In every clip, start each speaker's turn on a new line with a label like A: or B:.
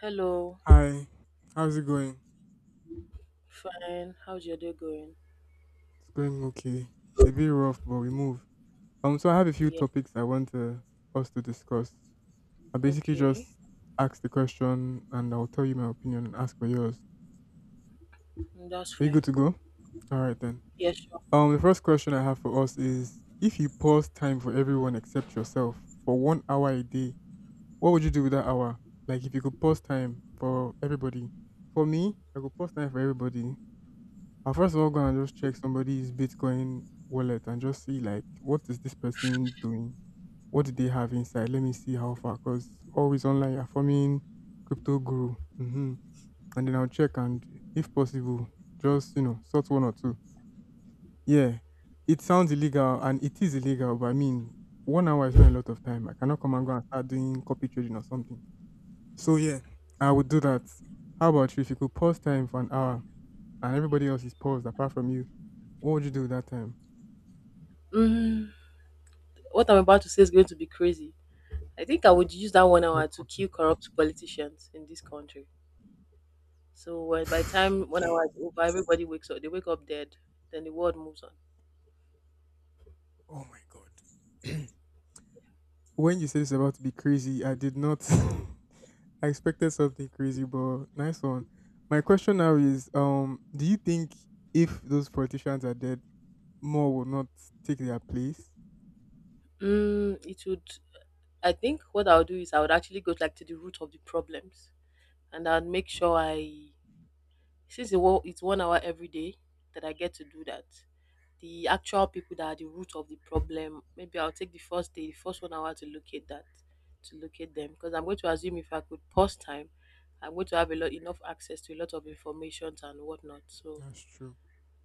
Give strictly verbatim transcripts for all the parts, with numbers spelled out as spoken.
A: Hello.
B: Hi, how's it going?
A: Fine, how's your day going?
B: It's going okay. A bit rough, but we move. Um, so I have a few
A: Yeah,
B: topics I want to, us to discuss. I basically
A: okay.
B: just ask the question, and I'll tell you my opinion and ask for yours.
A: Mm, that's
B: Are you
A: fine.
B: good to go? All right then.
A: Yeah, sure.
B: Um, the first question I have for us is: if you pause time for everyone except yourself for one hour a day, what would you do with that hour? Like, if you could pause time for everybody, for me, if I could pause time for everybody I'm first of all gonna just check somebody's Bitcoin wallet and just see like what is this person doing? What do they have inside? Let me see how far. Because always online you're forming crypto guru. hmm And then I'll check and if possible, just you know, sort one or two. Yeah. It sounds illegal and it is illegal, but I mean one hour is not a lot of time. I cannot come and go and start doing copy trading or something. So yeah, I would do that. How about you? If you could pause time for an hour and everybody else is paused apart from you, what would you do that time?
A: Mm, what I'm about to say is going to be crazy. I think I would use that one
B: No
A: hour to kill
B: problem.
A: corrupt politicians in this country. So uh, by the time one
B: Okay.
A: hour is over, everybody wakes up. They wake up dead. Then the world moves on.
B: Oh my god. When you said it's about to be crazy, I did not. I expected something crazy, but nice one. My question now is: um, do you think if those politicians are dead, more will not take their place?
A: Mm, it would. I think what I would do is I would actually go like to the root of the problems, and I'd make sure I Since it wa- it's one hour every day that I get to do that, the actual people that are the root of the problem, maybe I'll take the first day, the first one hour to locate that, to locate them. Because I'm going to assume if I could pause time, I'm going to have a lot enough access to a lot of information and whatnot. So
B: That's true.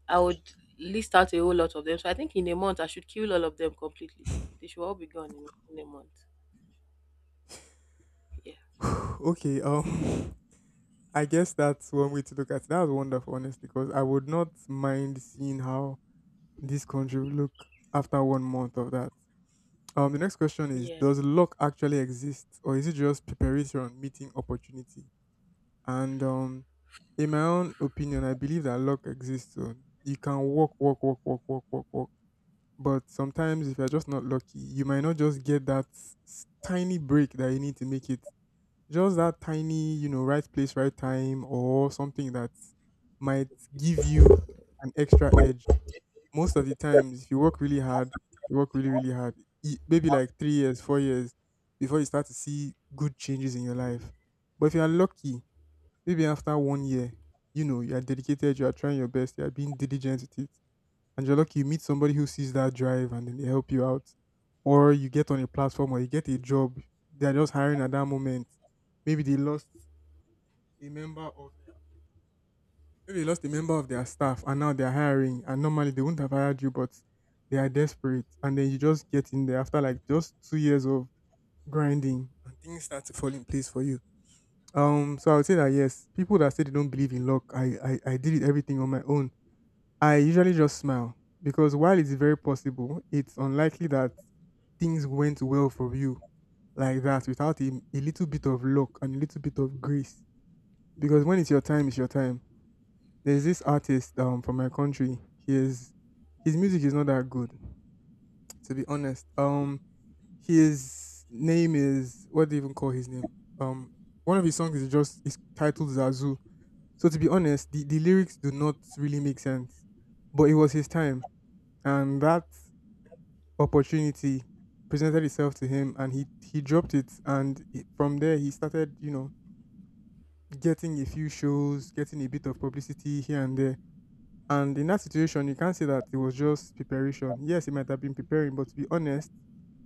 A: I would list out a whole lot of them. So I think in a month I should kill all of them completely. They should all be gone in, in a month. Yeah.
B: Okay. Um, I guess that's one way to look at it. That's wonderful, honestly, because I would not mind seeing how this country will look after one month of that. Um, the next question is:
A: Yeah.
B: does luck actually exist, or is it just preparation meeting opportunity? And um, in my own opinion, I believe that luck exists. So you can work, work, work, work, work, work, work. But sometimes, if you're just not lucky, you might not just get that s- tiny break that you need to make it just that tiny, you know, right place, right time, or something that might give you an extra edge. Most of the times, if you work really hard, if you work really, really hard, e- maybe like three years, four years before you start to see good changes in your life. But if you are lucky, maybe after one year, you know, you are dedicated, you are trying your best, you are being diligent with it, and you're lucky you meet somebody who sees that drive and then they help you out. Or you get on a platform or you get a job, they're just hiring at that moment. Maybe they lost a member of Maybe they lost a member of their staff and now they're hiring and normally they wouldn't have hired you but they are desperate and then you just get in there after like just two years of grinding and things start to fall in place for you. Um so I would say that yes, people that say they don't believe in luck, I I, I did it everything on my own. I usually just smile because while it's very possible, it's unlikely that things went well for you like that without a, a little bit of luck and a little bit of grace. Because when it's your time, it's your time. There's this artist um from my country. He is His music is not that good, to be honest. Um his name is What do you even call his name? Um One of his songs is just is titled Zazu. So to be honest, the, the lyrics do not really make sense. But it was his time and that opportunity presented itself to him and he he dropped it and it- from there he started, you know, getting a few shows, getting a bit of publicity here and there. And in that situation, you can't say that it was just preparation. Yes, it might have been preparing, but to be honest,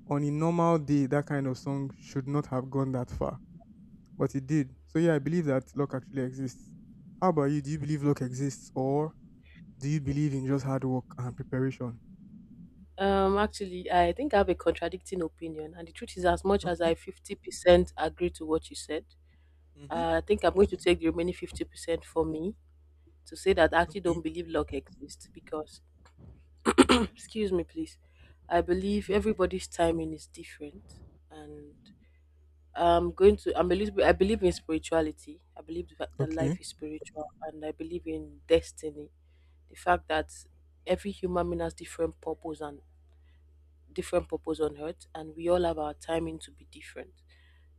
B: on a normal day, that kind of song should not have gone that far. But it did. So yeah, I believe that luck actually exists. How about you? Do you believe luck exists or do you believe in just hard work and preparation?
A: Um, actually, I think I have a contradicting opinion, and the truth is, as much as I
B: Okay.
A: fifty percent agree to what you said,
B: Mm-hmm.
A: I think I'm going to take the remaining fifty percent for me to say that I actually don't
B: Okay.
A: believe luck exists, because excuse me, please, I believe everybody's timing is different, and I'm going to, I'm a little bit, I believe in spirituality, I believe that that life
B: Okay.
A: is spiritual, and I believe in destiny, the fact that every human being has different purpose and different purpose on earth, and we all have our timing to be different.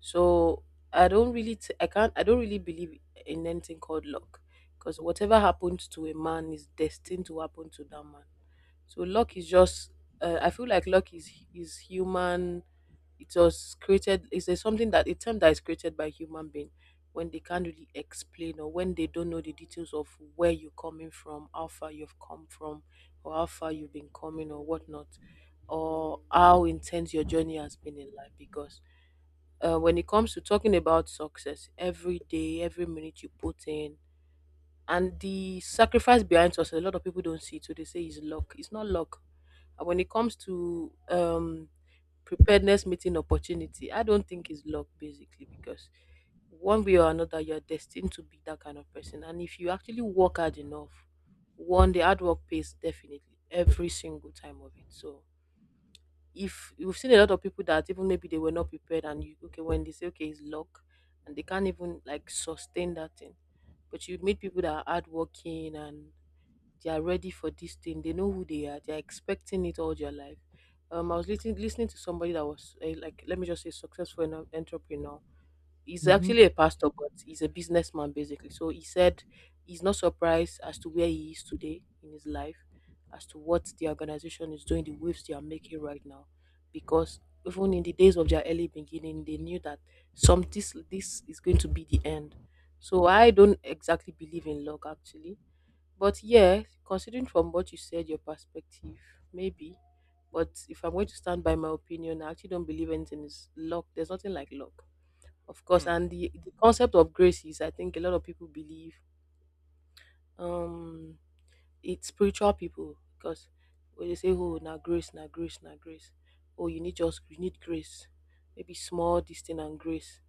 A: So I don't really t- I can't, I don't really believe in anything called luck, because whatever happens to a man is destined to happen to that man. So luck is just uh, I feel like luck is is human. It was created is a something that a term that is created by human being when they can't really explain, or when they don't know the details of where you're coming from, how far you've come from, or how far you've been coming or whatnot, or how intense your journey has been in life. Because uh, when it comes to talking about success, every day, every minute you put in and the sacrifice behind us, a lot of people don't see it, so they say it's luck. It's not luck. And when it comes to um preparedness meeting opportunity, I don't think it's luck, basically because one way or another, you're destined to be that kind of person. And if you actually work hard enough, one, the hard work pays definitely every single time of it. So if you've seen a lot of people that even maybe they were not prepared, and you okay, when they say okay it's luck, and they can't even like sustain that thing. But you meet people that are hardworking and they are ready for this thing. They know who they are. They are expecting it all their life. Um, I was listening listening to somebody that was uh, like, let me just say, successful en- entrepreneur. He's
B: Mm-hmm.
A: actually a pastor, but he's a businessman basically. So he said he's not surprised as to where he is today in his life, as to what the organization is doing, the waves they are making right now, because even in the days of their early beginning, they knew that some this this is going to be the end. So I don't exactly believe in luck, actually. But yeah, considering from what you said, your perspective, maybe. But if I'm going to stand by my opinion, I actually don't believe anything is luck. There's nothing like luck, of course.
B: Hmm.
A: And the, the concept of grace is, I think, a lot of people believe. Um, it's spiritual people, because when they say, "Oh, now grace, now grace, now grace," oh, you need, just you need grace, maybe small this thing and grace,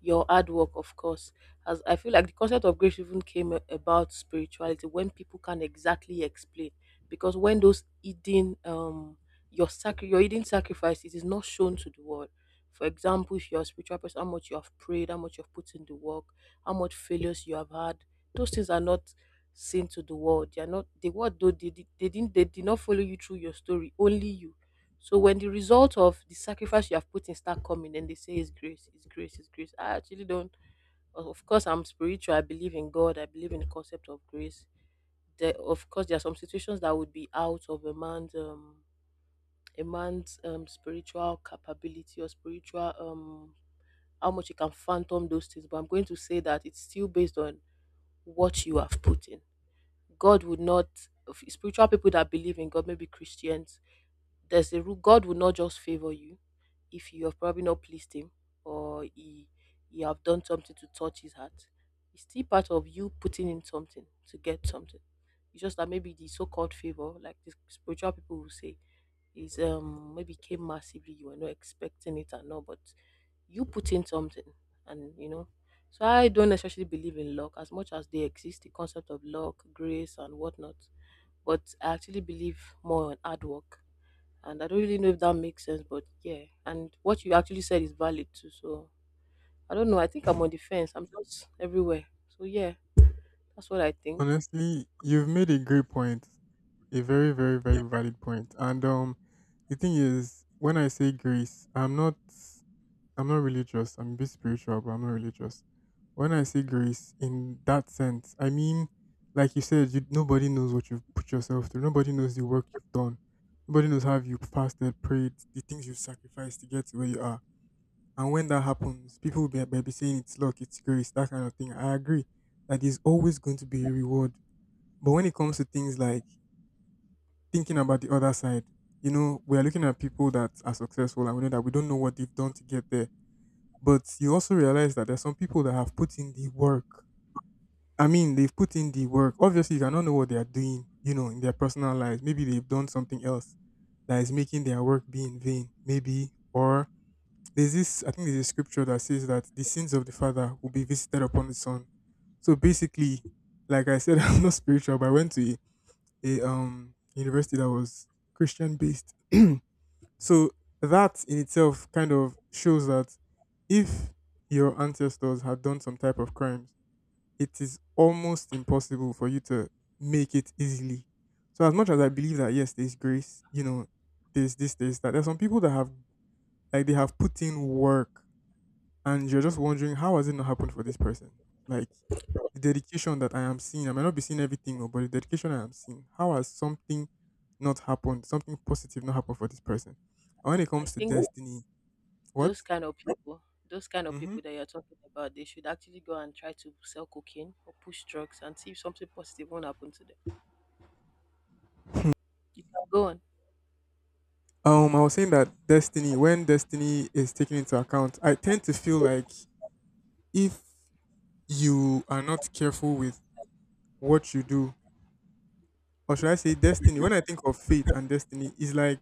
A: your hard work, of course. As I feel like the concept of grace even came a- about spirituality, when people can exactly explain, because when those hidden um your sacri- your hidden sacrifice, it is not shown to the world. For example, if you're a spiritual person, how much you have prayed, how much you have put in the work, how much failures you have had, those things are not seen to the world. They are not the world, though they did, they didn't, they did not follow you through your story, only you. So when the result of the sacrifice you have put in start coming, then they say it's grace, it's grace, it's grace. I actually don't, of course I'm spiritual, I believe in God, I believe in the concept of grace. There, of course there are some situations that would be out of a man's um a man's um spiritual capability or spiritual um how much he can phantom those things, but I'm going to say that it's still based on what you have put in. God would not, spiritual people that believe in God, maybe Christians, there's a rule, God will not just favor you if you have probably not pleased him, or he, you have done something to touch his heart. It's still part of you putting in something to get something. It's just that maybe the so called favor, like the spiritual people will say, is um maybe came massively, you were not expecting it and all, but you put in something and you know. So I don't necessarily believe in luck, as much as they exist, the concept of luck, grace, and whatnot, but I actually believe more on hard work. And I don't really know if that makes sense, but yeah. And what you actually said is valid too. So I don't know. I think I'm on the fence. I'm just everywhere. So yeah, that's what I think.
B: Honestly, you've made a great point. A very, very, very valid point. And um the thing is, when I say grace, I'm not I'm not religious. I'm a bit spiritual, but I'm not religious. When I say grace in that sense, I mean, like you said, you, nobody knows what you've put yourself through. Nobody knows the work you've done. Nobody knows how you fasted, prayed, the things you've sacrificed to get to where you are. And when that happens, people will be, may be saying it's luck, it's grace, that kind of thing. I agree that there's always going to be a reward. But when it comes to things like thinking about the other side, you know, we are looking at people that are successful and we know that we don't know what they've done to get there, but you also realize that there's some people that have put in the work. I mean, they've put in the work. Obviously, you cannot know what they are doing, you know, in their personal lives. Maybe they've done something else that is making their work be in vain, maybe. Or there's this, I think there's a scripture that says that the sins of the father will be visited upon the son. So basically, like I said, I'm not spiritual, but I went to a, a um university that was Christian based. So that in itself kind of shows that if your ancestors have done some type of crimes, it is almost impossible for you to make it easily. So as much as I believe that yes, there's grace, you know, there's this, there's that. There's some people that have like they have put in work and you're just wondering how has it not happened for this person? Like the dedication that I am seeing, I might not be seeing everything, oh, but the dedication I am seeing, how has something not happened, something positive not happened for this person? And when it
A: I
B: comes to
A: think
B: destiny,
A: those
B: what?
A: kind of people, those kind of
B: hmm
A: people that you're talking about, they should actually go and try to sell cocaine or push drugs and see if something positive won't happen to them. You can go on.
B: Um, I was saying that destiny, when destiny is taken into account, I tend to feel like if you are not careful with what you do, or should I say destiny, when I think of fate and destiny, it's like,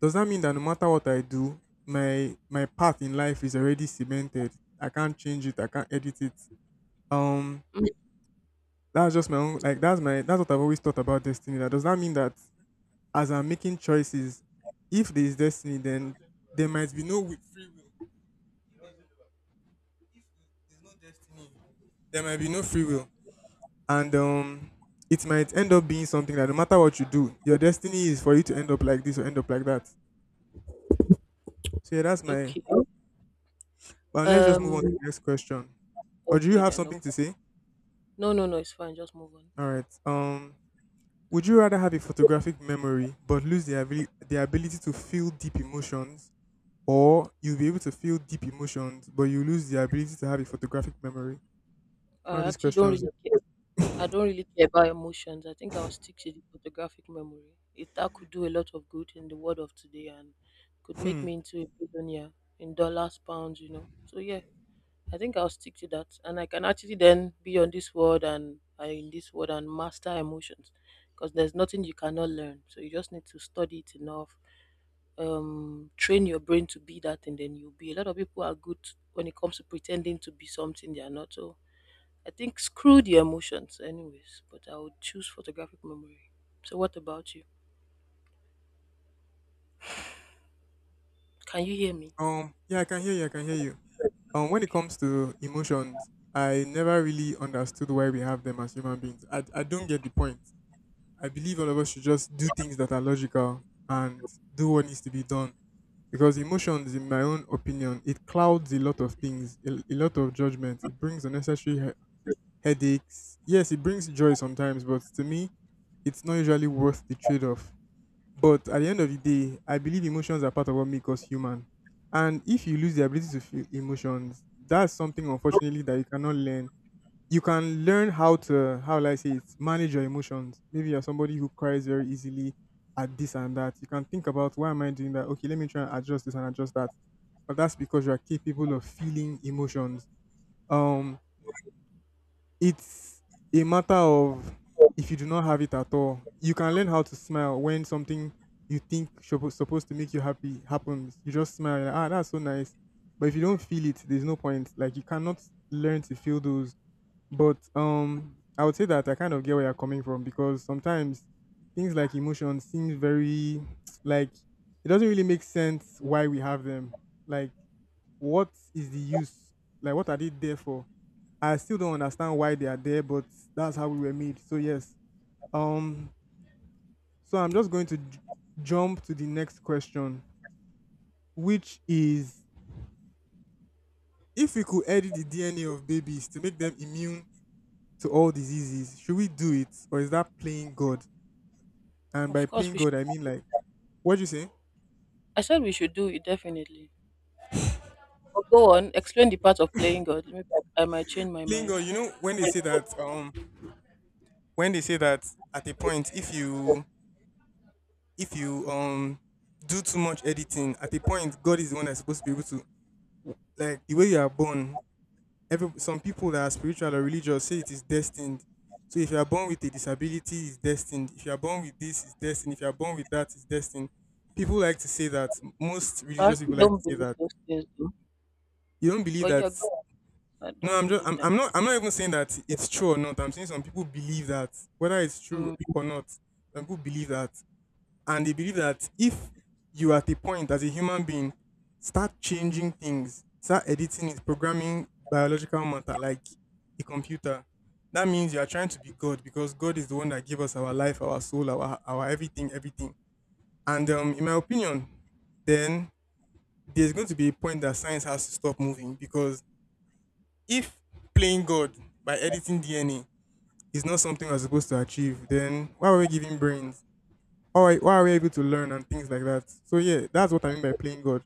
B: does that mean that no matter what I do, my my path in life is already cemented? I can't change it. I can't edit it. Um,
A: Mm,
B: that's just my own. Like that's my that's what I've always thought about destiny. That does that mean that as I'm making choices, if there is destiny, then there might be no wi- free will. There's no destiny. There might be no free will, and um, it might end up being something that no matter what you do, your destiny is for you to end up like this or end up like that. So yeah, that's my.
A: okay.
B: But let's just move
A: Um.
B: on to the next question. Or do you
A: Okay
B: have
A: then. No.
B: something to say?
A: No. No. No. It's fine. Just move on.
B: All right. Um, would you rather have a photographic memory but lose the ability the ability to feel deep emotions, or you'll be able to feel deep emotions but you lose the ability to have a photographic memory?
A: I
B: All these
A: actually don't
B: questions.
A: really care. I don't really care about emotions. I think I'll stick to the photographic memory. It, that could do a lot of good in the world of today and could make
B: Hmm.
A: me into a billionaire in dollars, pounds, you know. So yeah, I think I'll stick to that. And I can actually then be on this world and uh, in this world and master emotions. Because there's nothing you cannot learn. So you just need to study it enough. Um train your brain to be that, and then you'll be, a lot of people are good when it comes to pretending to be something they are not. So I think screw the emotions, anyways, but I would choose photographic memory. So, what about you? Can you hear me?
B: Um. Yeah, I can hear you. I can hear you. Um. When it
A: Okay.
B: comes to emotions, I never really understood why we have them as human beings. I I don't get the point. I believe all of us should just do things that are logical and do what needs to be done because emotions in my own opinion it clouds a lot of things, a, a lot of judgment, it brings unnecessary he- headaches. Yes, it brings joy sometimes but to me it's not usually worth the trade-off, but at the end of the day I believe emotions are part of what make us human, and if you lose the ability to feel emotions, that's something unfortunately that you cannot learn. You can learn how to, how will I say it, manage your emotions. Maybe you're somebody who cries very easily at this and that. You can think about why am I doing that? Okay, let me try and adjust this and adjust that. But that's because you are capable of feeling emotions. Um, it's a matter of if you do not have it at all, you can learn how to smile when something you think suppo- supposed to make you happy happens. You just smile, like, ah, that's so nice. But if you don't feel it, there's no point. Like, you cannot learn to feel those, but um, I would say that I kind of get where you're coming from because sometimes things like emotions seems very like it doesn't really make sense why we have them. Like, what is the use? Like, what are they there for? I still don't understand why they are there, but that's how we were made. So yes. Um. So I'm just going to j- jump to the next question, which is if we could edit the D N A of babies to make them immune to all diseases, should we do it, or is that playing God? And
A: Of
B: by
A: course,
B: playing
A: we should.
B: God, I mean, like, what do you say?
A: I said we should do it, definitely. But go on, explain the part of playing God. Maybe I, I might change my
B: Playing
A: mind.
B: God. You know when they say that um when they say that at a point, if you if you um do too much editing, at a point God is the one that's supposed to be able to, like, the way you are born. Every Some people that are spiritual or religious say it is destined. So if you are born with a disability, it's destined. If you are born with this, it's destined. If you are born with that, it's destined. People like to say that. Most
A: I
B: religious
A: actually
B: people like to
A: don't
B: say
A: believe
B: that.
A: those things, though.
B: You don't believe
A: But
B: that?
A: yeah, go on. I
B: No,
A: don't
B: I'm just
A: believe
B: I'm, I'm
A: them.
B: not I'm not even saying that it's true or not. I'm saying some people believe that, whether it's true
A: Mm.
B: or not, some people believe that, and they believe that if you, at a point as a human being, start changing things, start editing it, programming biological matter like a computer, that means you are trying to be God because God is the one that gave us our life, our soul, our our everything, everything. And um, in my opinion, then there's going to be a point that science has to stop moving because if playing God by editing D N A is not something we're supposed to achieve, then why are we giving brains? Why, why are we able to learn and things like that? So yeah, that's what I mean by playing God.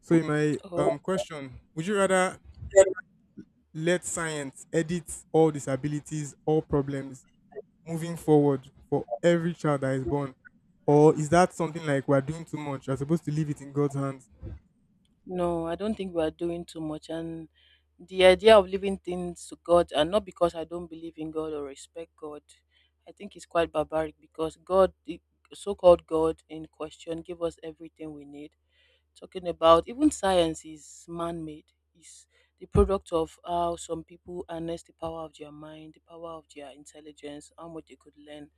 B: So in my
A: Oh.
B: um question, would you rather let science edit all disabilities, all problems moving forward for every child that is born? Or is that something like we're doing too much? We're supposed to leave it in God's hands.
A: No, I don't think we are doing too much. And the idea of leaving things to God, and not because I don't believe in God or respect God, I think it's quite barbaric, because God, the so called God in question, gave us everything we need. Talking about, even science is man made, is the product of how some people harness the power of their mind, the power of their intelligence, how much they could learn,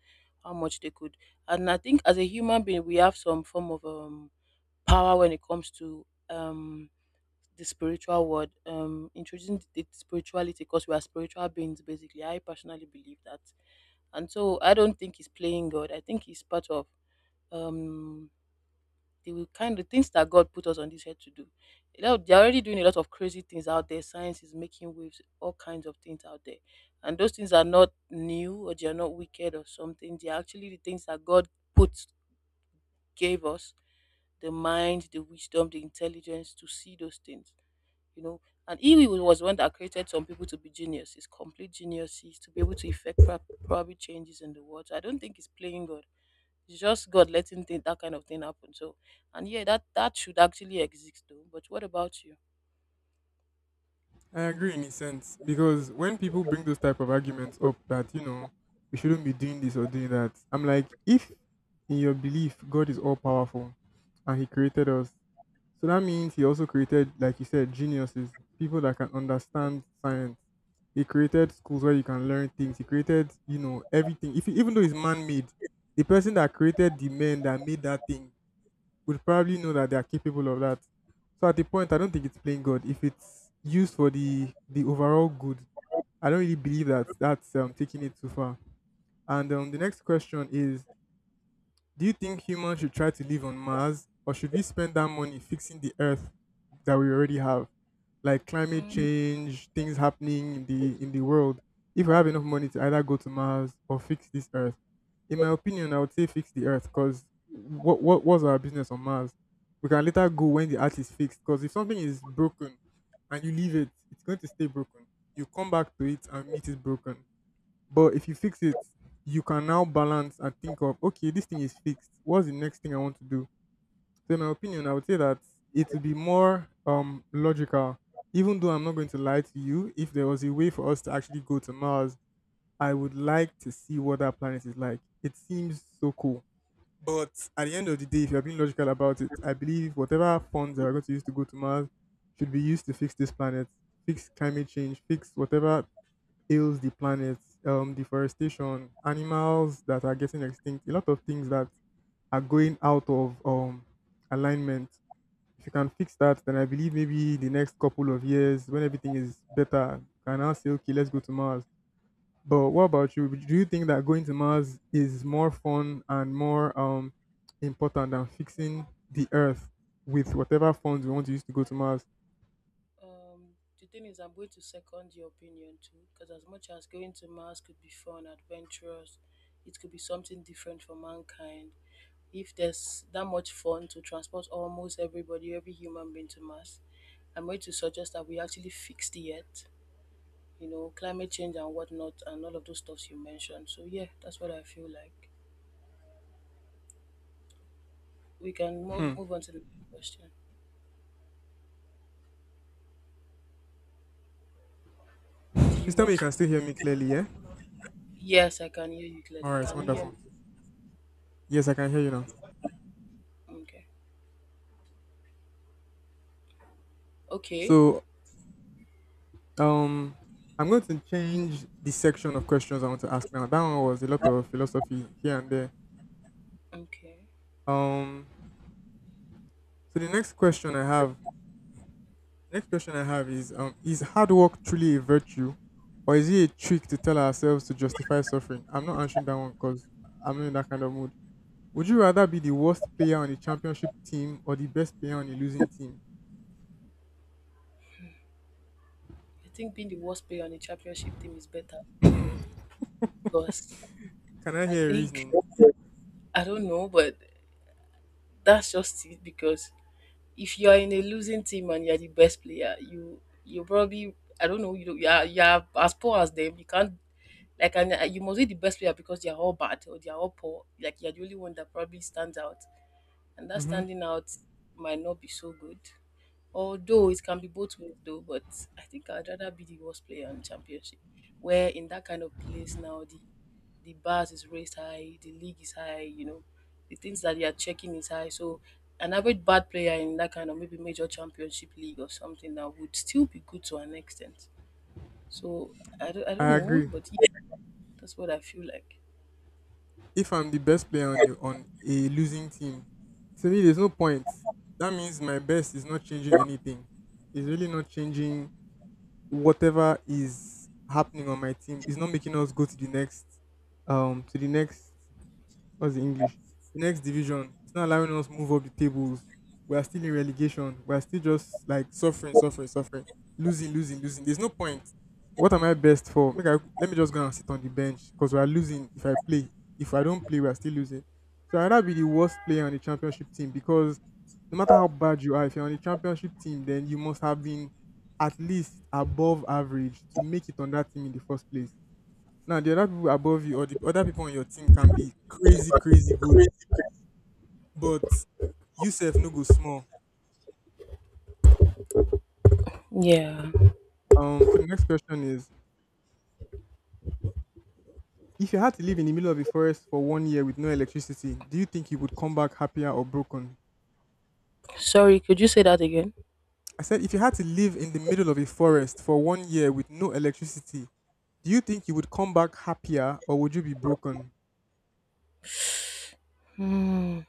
A: how much they could. And I think as a human being, we have some form of um, power when it comes to. Um, the spiritual world, um, introducing the spirituality, because we are spiritual beings basically. I personally believe that, and so I don't think he's playing God. I think he's part of um the kind of things that God put us on this earth to do. You know, they're already doing a lot of crazy things out there. Science is making waves, all kinds of things out there, and those things are not new, or they are not wicked or something. They are actually the things that God put gave us the mind, the wisdom, the intelligence to see those things, you know. And he was the one that created some people to be geniuses, complete geniuses, to be able to effect prob- probably changes in the world. So I don't think it's playing God. It's just God letting thi- that kind of thing happen. So, and yeah, that that should actually exist though. But what about
B: I agree in a sense because when people bring those type of arguments up that, you know we shouldn't be doing this or doing that, I'm like, if in your belief God is all powerful and He created us, so that means He also created, like you said, geniuses, people that can understand science. He created schools where you can learn things. He created, you know, everything. If even though it's man-made, the person that created the men that made that thing would probably know that they are capable of that. So at the point, I don't think it's playing God. If it's used for the the overall good, I don't really believe that that's um, taking it too far. And um, the next question is, do you think humans should try to live on Mars, or should we spend that money fixing the Earth that we already have, like climate
A: you?
B: change, things happening in the in the world? If we have enough money to either go to Mars or fix this Earth, in my opinion, I would say fix the Earth, because what what was our business on Mars? We can later go when the Earth is fixed. Because if something is broken and you leave it, it's going to stay broken. You come back to it and meet it broken. But if you fix it, you can now balance and think of, okay, this thing is fixed. What's the next thing I want to do? So in my opinion, I would say that it would be more um logical. Even though I'm not going to lie to you, if there was a way for us to actually go to Mars, I would like to see what that planet is like. It seems so cool. But at the end of the day, if you're being logical about it, I believe whatever funds are going to use to go to Mars should be used to fix this planet, fix climate change, fix whatever ails the planet, um, deforestation, animals that are getting extinct, a lot of things that are going out of um, alignment. If you can fix that, then I believe maybe the next couple of years, when everything is better, you can now say, okay, let's go to Mars. But what about you? Do you think that going to Mars is more fun and more um, important than fixing the Earth with whatever funds we want to use to go to Mars?
A: Um, the thing is, I'm going to second your opinion too, because as much as going to Mars could be fun, adventurous, it could be something different for mankind. If there's that much fun to transport almost everybody, every human being to Mars, I'm going to suggest that we actually fix the Earth, you know, climate change and whatnot, and all of those stuffs you mentioned. So yeah, that's what I feel like. We can
B: Hmm.
A: move move on to the next question. Do
B: Please
A: you
B: tell me
A: have?
B: you can still hear me clearly, yeah?
A: Yes, I can hear you
B: All
A: clearly.
B: right,
A: Can you hear me?
B: wonderful. Yes, I can hear you now.
A: Okay. Okay.
B: So Um, I'm going to change the section of questions I want to ask now. That one was a lot of philosophy here and there.
A: Okay.
B: Um, so the next question I have, next question I have is, um, is hard work truly a virtue, or is it a trick to tell ourselves to justify suffering? I'm not answering that one because I'm not in that kind of mood. Would you rather be the worst player on a championship team or the best player on a losing team?
A: I think being the worst player on a championship team is better because
B: Can I
A: I
B: hear a
A: think
B: reasoning?
A: I don't know, but that's just it. Because if you are in a losing team and you are the best player, you you probably I don't know you don't- you are, you are as poor as them. You can't like and uh, you must be the best player because they are all bad or they are all poor. Like you are the only one that probably stands out. And that
B: Mm-hmm.
A: standing out might not be so good. Although it can be both ways though, but I think I'd rather be the worst player in championship. Where in that kind of place now the the bars is raised high, the league is high, you know, the things that they are checking is high. So an average bad player in that kind of maybe major championship league or something that would still be good to an extent. So I don't, I don't
B: I
A: know,
B: agree.
A: but yeah, that's what I feel like.
B: if I'm the best player on a, on a losing team, to me there's no point. That means my best is not changing anything. It's really not changing whatever is happening on my team. It's not making us go to the next, um to the next that's the English. The next division. It's not allowing us move up the tables. We are still in relegation. We are still just like suffering, suffering, suffering, losing, losing, losing. There's no point. What am I best for? Make I, let me just go and sit on the bench because we are losing. If I play, if I don't play, we are still losing. So I'd rather be the worst player on the championship team because no matter how bad you are, if you're on the championship team, then you must have been at least above average to make it on that team in the first place. Now the other people above you or the other people on your team can be crazy, crazy good, but you yourself no go small.
A: Yeah.
B: Um, so the next question is: if you had to live in the middle of a forest for one year with no electricity, do you think you would come back happier or broken?
A: Sorry, could you say that again?
B: I said, if you had to live in the middle of a forest for one year with no electricity, do you think you would come back happier or would you be broken?
A: Hmm.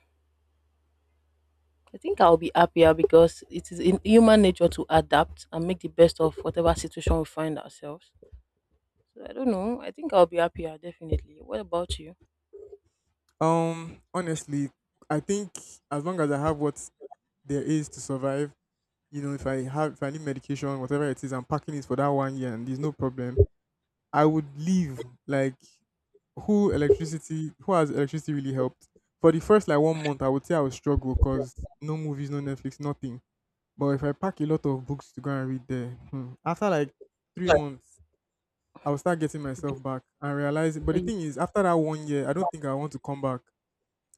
A: I think I'll be happier because it is in human nature to adapt and make the best of whatever situation we find ourselves. So I don't know. I think I'll be happier, definitely. What about you?
B: Um, honestly, I think as long as I have what there is to survive, you know, if I have if I need medication, whatever it is, I'm packing it for that one year and there's no problem. I would leave. Like, who electricity who has electricity really helped? For the first like one month, I would say I would struggle because no movies, no Netflix, nothing. But if I pack a lot of books to go and read there, hmm, after like three months, I will start getting myself back and realize. But
A: So
B: the
A: you-
B: thing is, after that one year, I don't think I want to come back.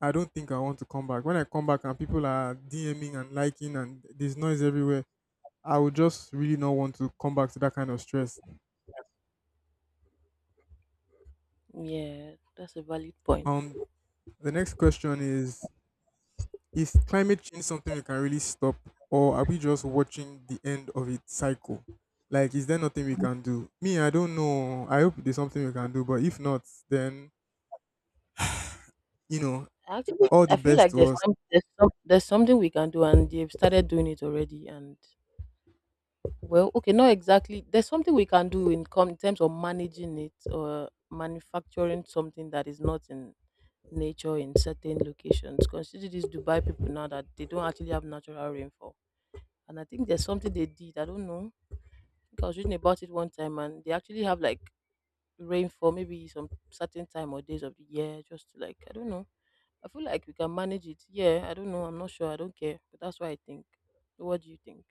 B: I don't think I want to come back. When I come back and people are DMing and liking and there's noise everywhere, I would just really not want to come back to that kind of stress.
A: Yeah, that's a valid point.
B: Um, the next question is: is climate change something we can really stop, or are we just watching the end of its cycle? Like, is there nothing we can do? Me, I don't know. I hope there's something we can do, but if not, then, you know,
A: Actually,
B: all
A: I
B: the
A: feel
B: best
A: like
B: to
A: there's
B: us.
A: some, there's some there's something we can do, and they've started doing it already, and well, okay, not exactly. There's something we can do in, com- in terms of managing it or manufacturing something that is not in nature in certain locations. Consider these Dubai people now that they don't actually have natural rainfall. And I think there's something they did. I don't know. I think I was reading about it one time and they actually have like rainfall maybe some certain time or days of the year just to like, I don't know. I feel like we can manage it. Yeah, I don't know. I'm not sure. I don't care. But that's what I think. What do you think?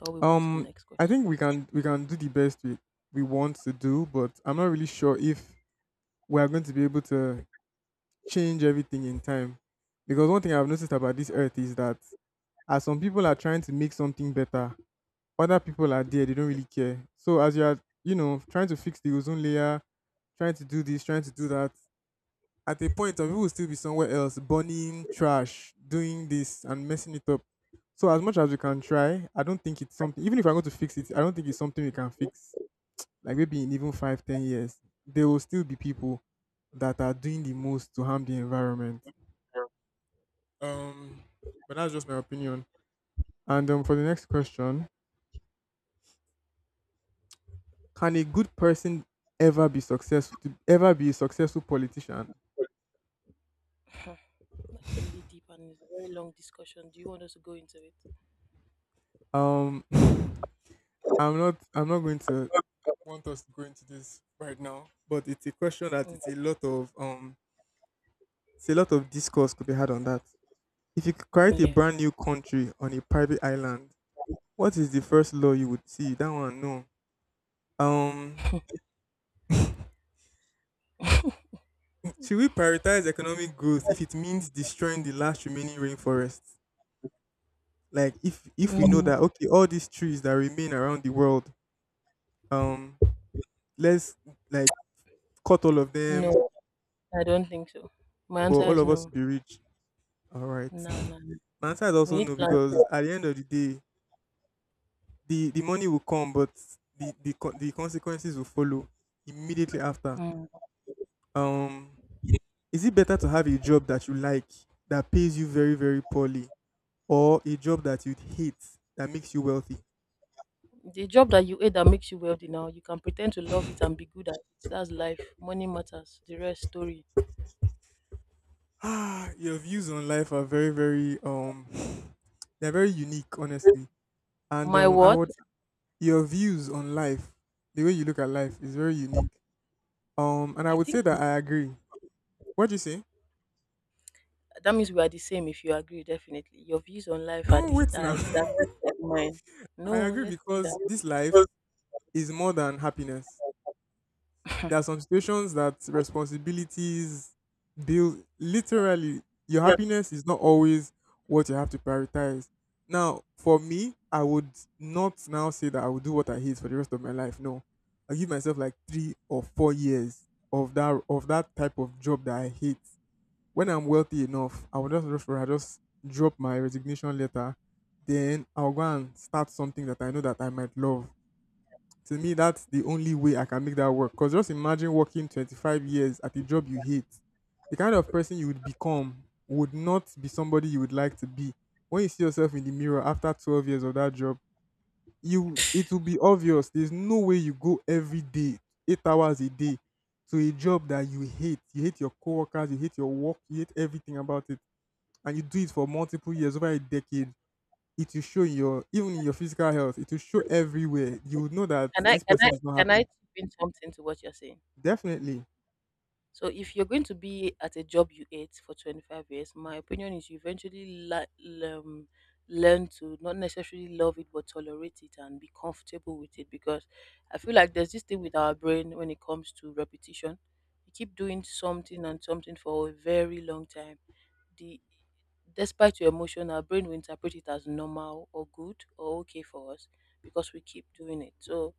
A: Or we move to the
B: Um,
A: next
B: I
A: question.
B: think we can we can do the best we we want to do, but I'm not really sure if we are going to be able to change everything in time. Because one thing I've noticed about this earth is that as some people are trying to make something better, other people are there, they don't really care. So as you are, you know, trying to fix the ozone layer, trying to do this, trying to do that, at a point of it will still be somewhere else, burning trash, doing this and messing it up. So as much as we can try, I don't think it's something, even if I'm going to fix it, I don't think it's something we can fix. Like maybe in even five, ten years, there will still be people that are doing the most to harm the environment. Um but that's just my
A: Yeah.
B: opinion. And um, for the next question, can a good person ever be successful? To ever be a successful politician?
A: That's really deep and it's a very long discussion. Do you want us to go into it?
B: Um, I'm not. I'm not going to want us to go into this right now. But it's a question that
A: Mm,
B: it's a lot of um. It's a lot of discourse could be had on that. If you could create a
A: yeah.
B: brand new country on a private island, what is the first law you would see? That one, no. Um, should we prioritize economic growth if it means destroying the last remaining rainforests? Like, if if we know
A: Mm,
B: that, okay, all these trees that remain around the world, Um, let's like cut all of them,
A: no, I don't think so. My
B: but
A: answer
B: all
A: is
B: of us
A: no.
B: will be rich. All right.
A: No, no, no.
B: My answer is
A: We
B: also
A: need
B: no
A: plans.
B: because at the end of the day, the the money will come, but the the co- the consequences will follow immediately after.
A: Mm.
B: Um, is it better to have a job that you like that pays you very very poorly, or a job that you hate that makes you wealthy?
A: The job that you hate that makes you wealthy now, you can pretend to love it and be good at it. That's life. Money matters. The rest story.
B: Ah, your views on life are very very um, they're very unique, honestly. And
A: My
B: um, I
A: what?
B: would your views on life, the way you look at life is very unique. Um, and I
A: I
B: would say
A: think is
B: that I agree. What do you say?
A: that means we are the same if you agree, definitely. Your views on life are,
B: No,
A: the,
B: wait
A: are
B: now.
A: exactly mine.
B: I
A: No,
B: agree
A: let's do
B: because
A: that.
B: this life is more than happiness. There are some situations that responsibilities build literally your
A: Yeah.
B: happiness is not always what you have to prioritize. Now, for me, I would not now say that I would do what I hate for the rest of my life. No. I give myself like three or four years of that of that type of job that I hate. When I'm wealthy enough, I will just rush for I just drop my resignation letter. Then I'll go and start something that I know that I might love. To me, that's the only way I can make that work. Cause just imagine working twenty-five years at a job you hate. The kind of person you would become would not be somebody you would like to be. When you see yourself in the mirror after twelve years of that job, you it will be obvious. There's no way you go every day, eight hours a day, to a job that you hate. You hate your coworkers, you hate your work, you hate everything about it, and you do it for multiple years, over a decade. It will show in your, even in your physical health. It will show everywhere. You would know that
A: Can I
B: this
A: can I
B: person is not
A: can I
B: happy.
A: chip in something to what you're saying?
B: Definitely,
A: So if you're going to be at a job you hate for twenty-five years, my opinion is you eventually la- um, learn to not necessarily love it, but tolerate it and be comfortable with it. Because I feel like there's this thing with our brain when it comes to repetition. You keep doing something and something for a very long time. The despite your emotion, our brain will interpret it as normal or good or okay for us because we keep doing it. So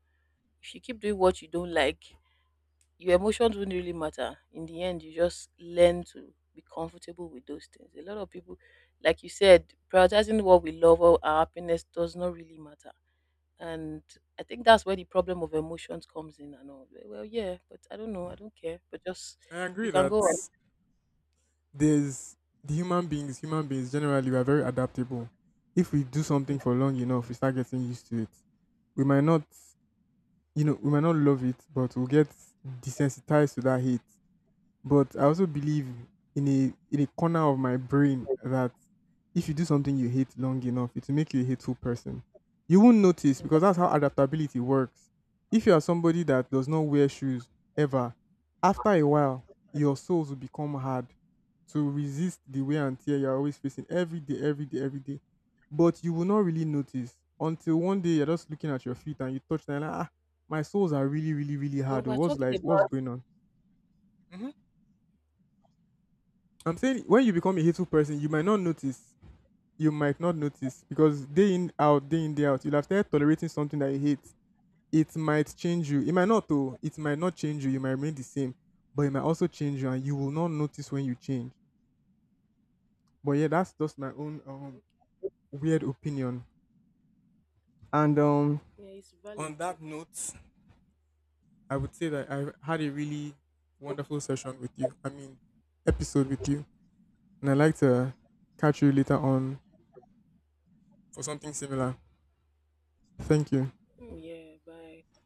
A: if you keep doing what you don't like your emotions wouldn't really matter. In the end, you just learn to be comfortable with those things. A lot of people, like you said, prioritizing what we love or our happiness does not really matter. And I think that's where the problem of emotions comes in and all. Well, well, yeah, but I don't know. I don't care. But just,
B: I
A: you
B: agree
A: can go on.
B: that there's the human beings. Human beings generally, we are very adaptable. If we do
A: Mm.
B: something for long enough, we start getting used to it. We might not, you know, we might not love it, but we'll get desensitized to that hate. But I also believe in a in a corner of my brain that if you do something you hate long enough, it will make you a hateful person. You won't notice
A: No.
B: because that's how adaptability works. If you are somebody that does not wear shoes ever, after a while, your soles will become hard to resist the wear and tear you're always facing every day, every day, every day. But you will not really notice until one day you're just looking at your feet and you touch them and, like, ah, my soles are really, really, really
A: When
B: hard. Oh,
A: we're
B: what's,
A: talking
B: like, what's
A: about
B: going on? hmm I'm saying when you become a hateful person, you might not notice you might not notice because day in out, day in day out, you'll have started tolerating something that you hate. It might change you. It might not though. It might not change you. You might remain the same, but it might also change you, and you will not notice when you change. But yeah, that's just my own um, weird opinion. And um,
A: yeah, it's valid
B: On
A: too.
B: that note, I would say that I had a really wonderful session with you. I mean, episode with you, and I'd like to catch you later on for something similar. Thank you.
A: Mm, yeah, bye.